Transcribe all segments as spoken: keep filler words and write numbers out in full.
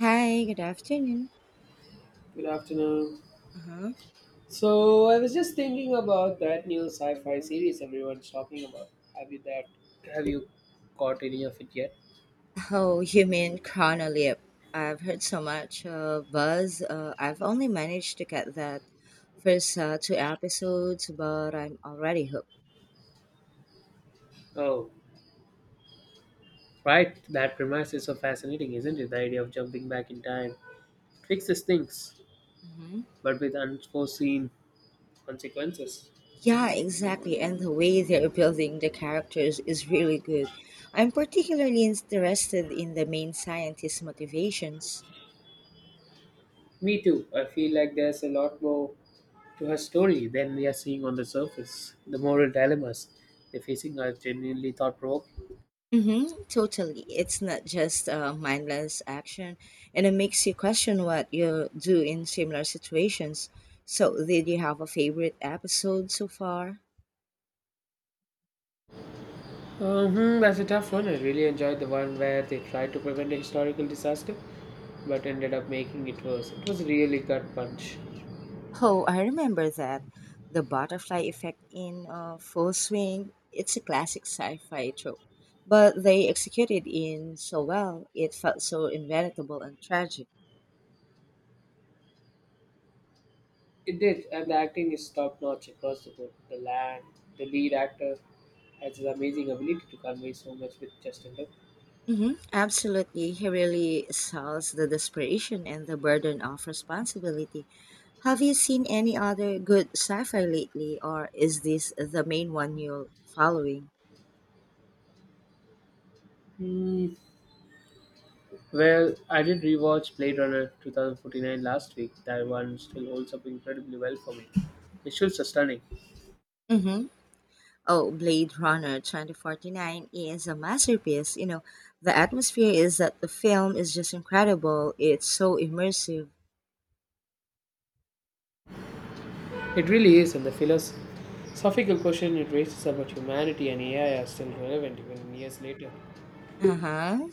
Hi, good afternoon. Good afternoon. Uh-huh. So I was just thinking about that new sci-fi series everyone's talking about. Have you that? Have you caught any of it yet? Oh, you mean Chronolip. I've heard so much uh, buzz. Uh, I've only managed to get that first uh, two episodes, but I'm already hooked. Oh, right. That premise is so fascinating, isn't it? The idea of jumping back in time fixes things, Mm-hmm. but with unforeseen consequences. Yeah, exactly. And the way they're building the characters is really good. I'm particularly interested in the main scientist's motivations. Me too. I feel like there's a lot more to her story than we are seeing on the surface. The moral dilemmas they're facing are genuinely thought-provoking. Mm-hmm, totally. It's not just uh, mindless action, and it makes you question what you do in similar situations. So, did you have a favorite episode so far? Hmm that's a tough one. I really enjoyed the one where they tried to prevent a historical disaster but ended up making it worse. It was really gut punch. Oh, I remember that. The butterfly effect in uh, full swing. It's a classic sci fi trope, but they executed in so well, it felt so inevitable and tragic. It did, and the acting is top notch across the board. The land, the lead actor has this amazing ability to convey so much with just a look. hmm Absolutely. He really sells the desperation and the burden of responsibility. Have you seen any other good sci fi lately, or is this the main one you're following? Hmm. Well, I did rewatch Blade Runner twenty forty-nine last week. That one still holds up incredibly well for me. Visuals are stunning. Mm-hmm. Oh, Blade Runner twenty forty-nine is a masterpiece. You know, the atmosphere is that the film is just incredible, it's so immersive. It really is, and the philosophical question it raises about humanity and A I are still relevant even years later. Uh huh.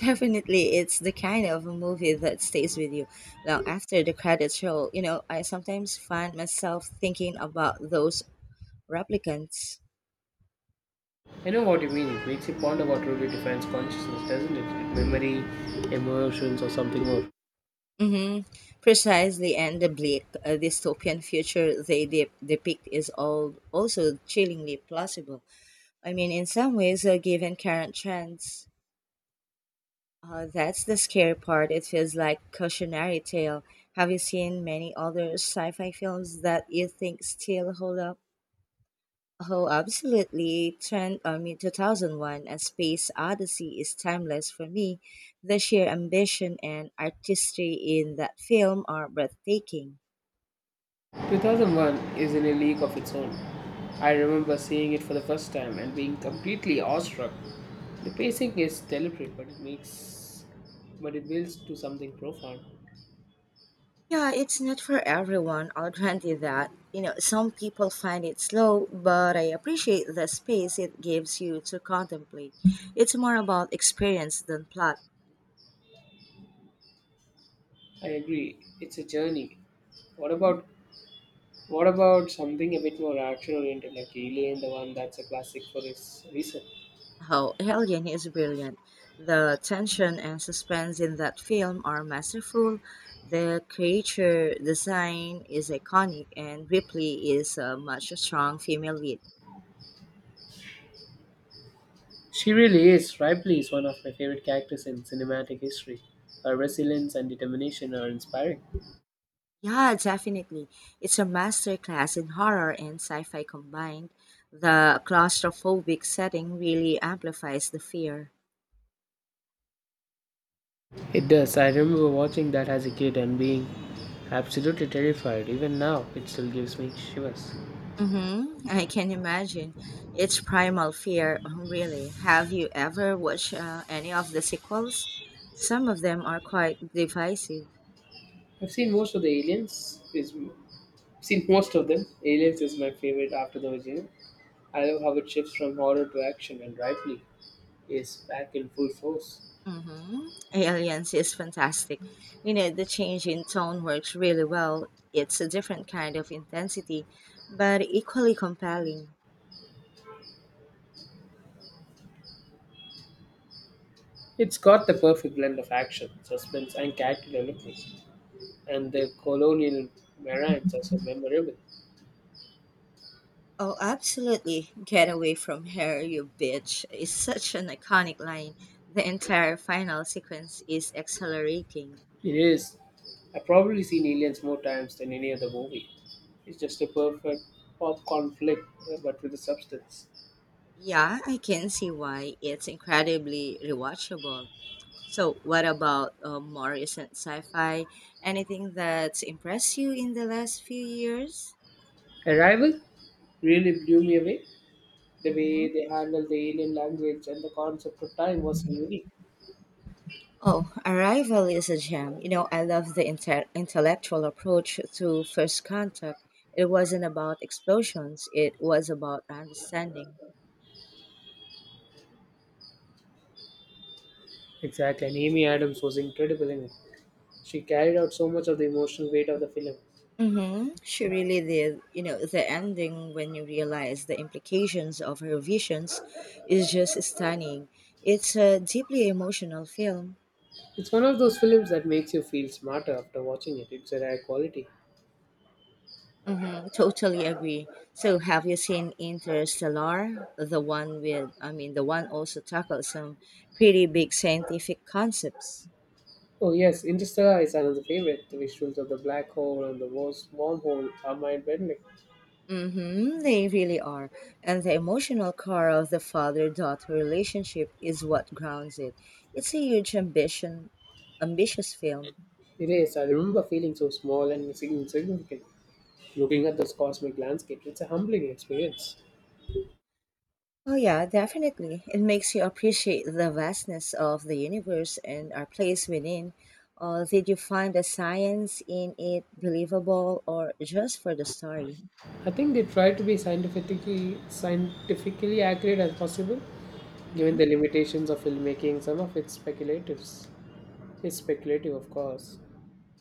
Definitely, it's the kind of a movie that stays with you long after the credits roll. You know, I sometimes find myself thinking about those replicants. I know what you mean. It makes you ponder what truly defines consciousness, doesn't it? Like memory, emotions, or something more. hmm Precisely, and the bleak uh, dystopian future they de- depict is all also chillingly plausible. I mean, in some ways, uh, given current trends, uh, that's the scary part. It feels like cautionary tale. Have you seen many other sci-fi films that you think still hold up? Oh, absolutely. Trent, I mean, two thousand one and Space Odyssey is timeless for me. The sheer ambition and artistry in that film are breathtaking. two thousand one is in a league of its own. I remember seeing it for the first time and being completely awestruck. The pacing is deliberate, but it makes, but it builds to something profound. Yeah, it's not for everyone, I'll grant you that. You know, some people find it slow, but I appreciate the space it gives you to contemplate. It's more about experience than plot. I agree. It's a journey. What Mhm. about What about something a bit more action oriented, like Alien, the one that's a classic for its reason? Oh, Alien is brilliant. The tension and suspense in that film are masterful. The creature design is iconic, and Ripley is a much strong female lead. She really is. Ripley is one of my favorite characters in cinematic history. Her resilience and determination are inspiring. Yeah, definitely. It's a masterclass in horror and sci fi combined. The claustrophobic setting really amplifies the fear. It does. I remember watching that as a kid and being absolutely terrified. Even now, it still gives me shivers. Mm-hmm. I can imagine. It's primal fear, really. Have you ever watched uh, any of the sequels? Some of them are quite divisive. I've seen most of the aliens. Is Seen most of them. Aliens is my favorite after the original. I love how it shifts from horror to action, and Ripley is back in full force. Mm-hmm. Aliens is fantastic. You know, the change in tone works really well. It's a different kind of intensity, but equally compelling. It's got the perfect blend of action, suspense, and character development, and the colonial marines are so memorable. Oh, absolutely. Get away from her, you bitch, is such an iconic line. The entire final sequence is exhilarating. It is. I've probably seen Aliens more times than any other movie. It's just a perfect popcorn flick, uh, but with a substance. Yeah, I can see why it's incredibly rewatchable. So, what about uh, more recent sci fi? Anything that's impressed you in the last few years? Arrival really blew me away. The way hmm they handled the alien language and the concept of time was so unique. Oh, Arrival is a gem. You know, I love the inter- intellectual approach to First Contact. It wasn't about explosions, it was about understanding. Exactly, and Amy Adams was incredible in it. She carried out so much of the emotional weight of the film. Mm-hmm. She really did. You know, the ending when you realize the implications of her visions is just stunning. It's a deeply emotional film. It's one of those films that makes you feel smarter after watching it. It's a rare quality. Mm-hmm. Totally agree. So, have you seen Interstellar? The one with, I mean, the one also tackles some pretty big scientific concepts. Oh yes, Interstellar is another favorite. The visuals of the black hole and the worst wormhole are mind-bending. Mm-hmm, they really are. And the emotional core of the father daughter relationship is what grounds it. It's a huge ambition, ambitious film. It is. I remember feeling so small and insignificant. Looking at this cosmic landscape, it's a humbling experience. Oh, yeah, definitely. It makes you appreciate the vastness of the universe and our place within. Uh, did you find the science in it believable or just for the story? I think they try to be scientifically scientifically accurate as possible, given hmm the limitations of filmmaking. Some of it's speculative. It's speculative, of course.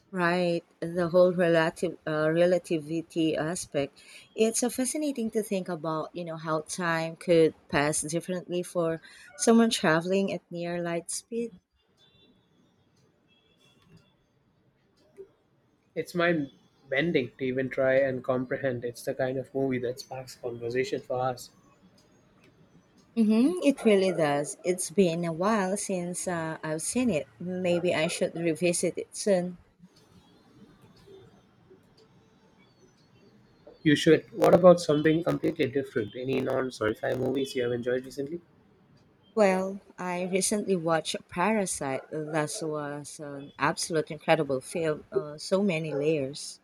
Right, the whole relative uh, relativity aspect. It's uh, fascinating to think about, you know, how time could pass differently for someone traveling at near light speed. It's mind bending to even try and comprehend. It's the kind of movie that sparks conversation for us. Mm-hmm, it really does. It's been a while since uh, I've seen it. Maybe I should revisit it soon. You should. What about something completely different? Any non sci fi movies you have enjoyed recently? Well, I recently watched Parasite. That was an absolute incredible film. Uh, so many layers.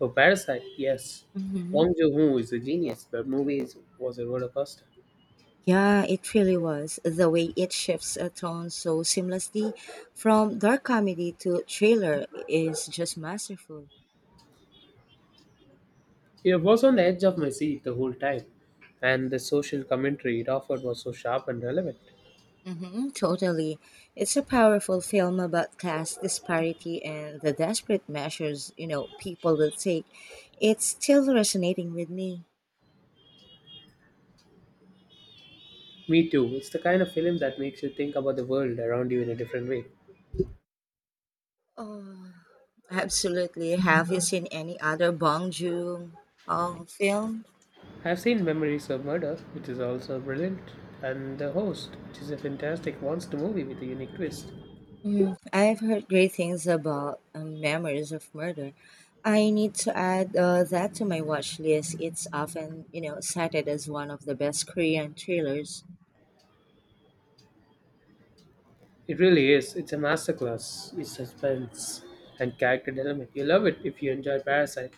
Oh, Parasite, yes. Mm-hmm. Bong Joon Ho is a genius. The movie is, was a roller coaster. Yeah, it really was. The way it shifts a tone so seamlessly from dark comedy to thriller is just masterful. It was on the edge of my seat the whole time, and the social commentary it offered was so sharp and relevant. Mm-hmm, totally. It's a powerful film about class disparity and the desperate measures, you know, people will take. It's still resonating with me. Me too. It's the kind of film that makes you think about the world around you in a different way. Oh, absolutely. Have you seen any other Bong Joon-ho film? I've seen Memories of Murder, which is also brilliant, and The Host, which is a fantastic monster movie with a unique twist. Mm, I've heard great things about um, Memories of Murder. I need to add uh, that to my watch list. It's often, you know, cited as one of the best Korean thrillers. It really is. It's a masterclass in suspense and character development. You'll love it if you enjoy Parasite.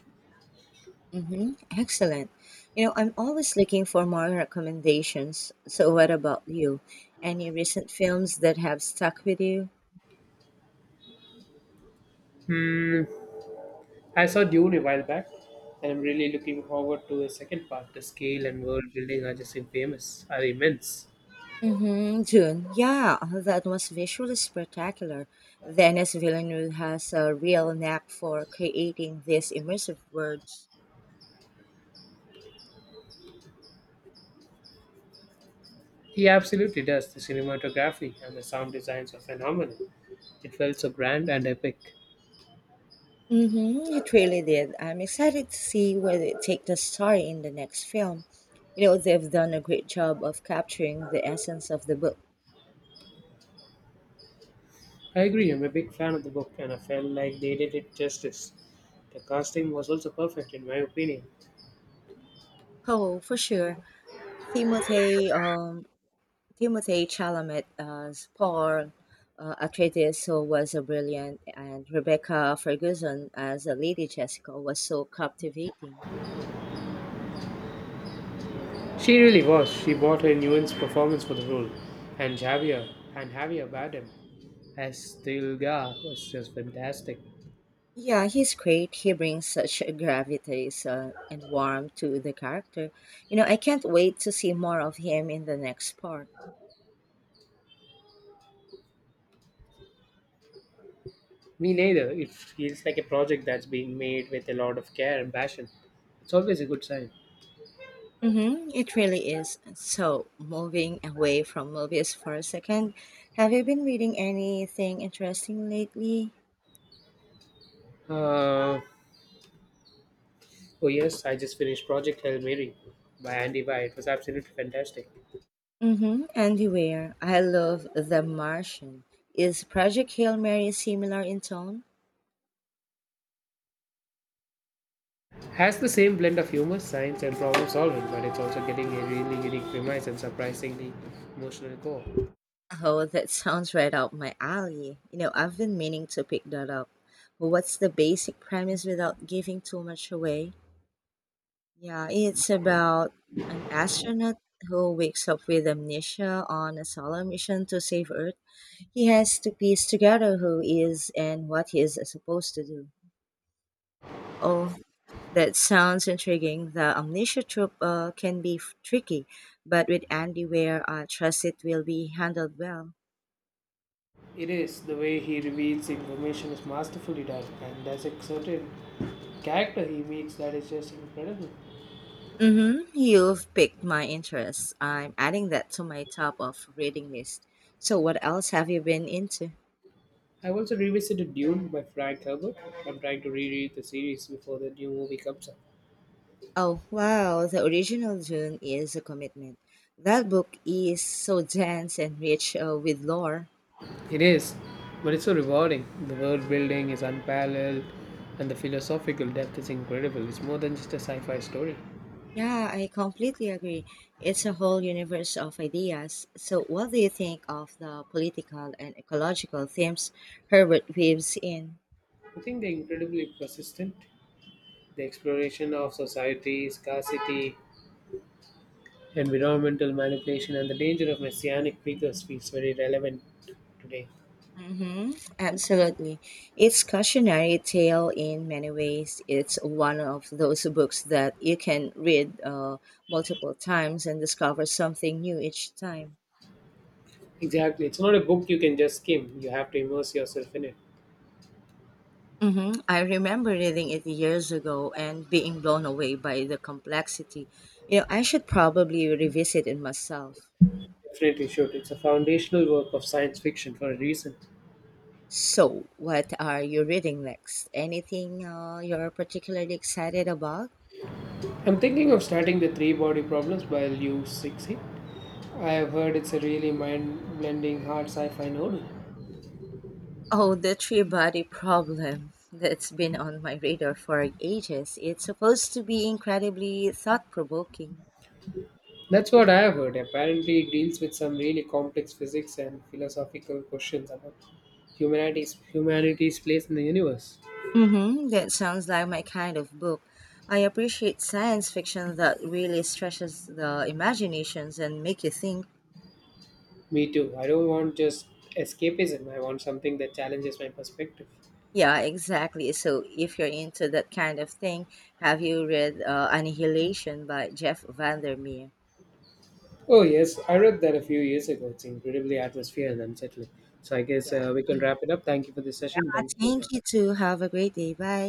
Mm-hmm. Excellent. You know, I'm always looking for more recommendations. So, what about you? Any recent films that have stuck with you? Hmm. I saw Dune a while back, and I'm really looking forward to a second part. The scale and world building are just infamous, are immense. Mm-hmm. Dune. Yeah, oh, that was visually spectacular. Denis Villeneuve has a real knack for creating these immersive worlds. He absolutely does. The cinematography and the sound designs are phenomenal. It felt so grand and epic. Mm-hmm. It really did. I'm excited to see where they take the story in the next film. You know, they've done a great job of capturing the essence of the book. I agree, I'm a big fan of the book and I felt like they did it justice. The casting was also perfect in my opinion. Oh, for sure. Timothée um, Timothée Chalamet as Paul uh, Atreides, who was so brilliant, and Rebecca Ferguson as the Lady Jessica was so captivating. She really was. She bought her nuanced performance for the role. And Javier and Javier Bardem as Tilga was just fantastic. Yeah, he's great. He brings such gravity uh, and warmth to the character. You know, I can't wait to see more of him in the next part. Me neither. It feels like a project that's being made with a lot of care and passion. It's always a good sign. Mm-hmm, it really is. So, moving away from movies for a second, have you been reading anything interesting lately? Uh, oh yes, I just finished Project Hail Mary by Andy Weir. It was absolutely fantastic. Mm-hmm. Anywhere. I love The Martian. Is Project Hail Mary similar in tone? Has the same blend of humor, science, and problem solving, but it's also getting a really unique premise and surprisingly emotional core. Oh, that sounds right up my alley. You know, I've been meaning to pick that up. But what's the basic premise without giving too much away? Yeah, it's about an astronaut who wakes up with amnesia on a solar mission to save Earth. He has to piece together who he is and what he is supposed to do. Oh, that sounds intriguing. The amnesia trope uh, can be f- tricky, but with Andy Ware, I trust it will be handled well. It is. The way he reveals information is masterfully done, and there's a certain character he meets that is just incredible. Mm-hmm. You've piqued my interest. I'm adding that to my top of reading list. So, what else have you been into? I've also revisited Dune by Frank Herbert. I'm trying to reread the series before the new movie comes out. Oh, wow, the original Dune is a commitment. That book is so dense and rich uh, with lore. It is, but it's so rewarding. The world building is unparalleled, and the philosophical depth is incredible. It's more than just a sci fi story. Yeah, I completely agree. It's a whole universe of ideas. So, what do you think of the political and ecological themes Herbert weaves in? I think they're incredibly persistent. The exploration of society, scarcity, environmental manipulation, and the danger of messianic figures feels very relevant today. hmm Absolutely. It's cautionary tale in many ways. It's one of those books that you can read uh, multiple times and discover something new each time. Exactly. It's not a book you can just skim, you have to immerse yourself in it. hmm I remember reading it years ago and being blown away by the complexity. You know, I should probably revisit it myself. Definitely should. It's a foundational work of science fiction for a reason. So, what are you reading next? Anything uh, you're particularly excited about? I'm thinking of starting the three body problems by Liu Cixi. I have heard it's a really mind blending hard sci fi novel. Oh, the three body problem. That's been on my radar for ages. It's supposed to be incredibly thought provoking. That's what I have heard. Apparently, it deals with some really complex physics and philosophical questions about humanity's humanity's place in the universe. Mm-hmm. That sounds like my kind of book. I appreciate science fiction that really stretches the imaginations and make you think. Me too. I don't want just escapism. I want something that challenges my perspective. Yeah, exactly. So if you're into that kind of thing, have you read uh, Annihilation by Jeff Vandermeer? Oh yes, I read that a few years ago. It's incredibly atmosphere and unsettling. So I guess Yeah, uh, we can wrap it up. Thank you for this session. Uh, Thank you for your time. thank you too. Have a great day. Bye.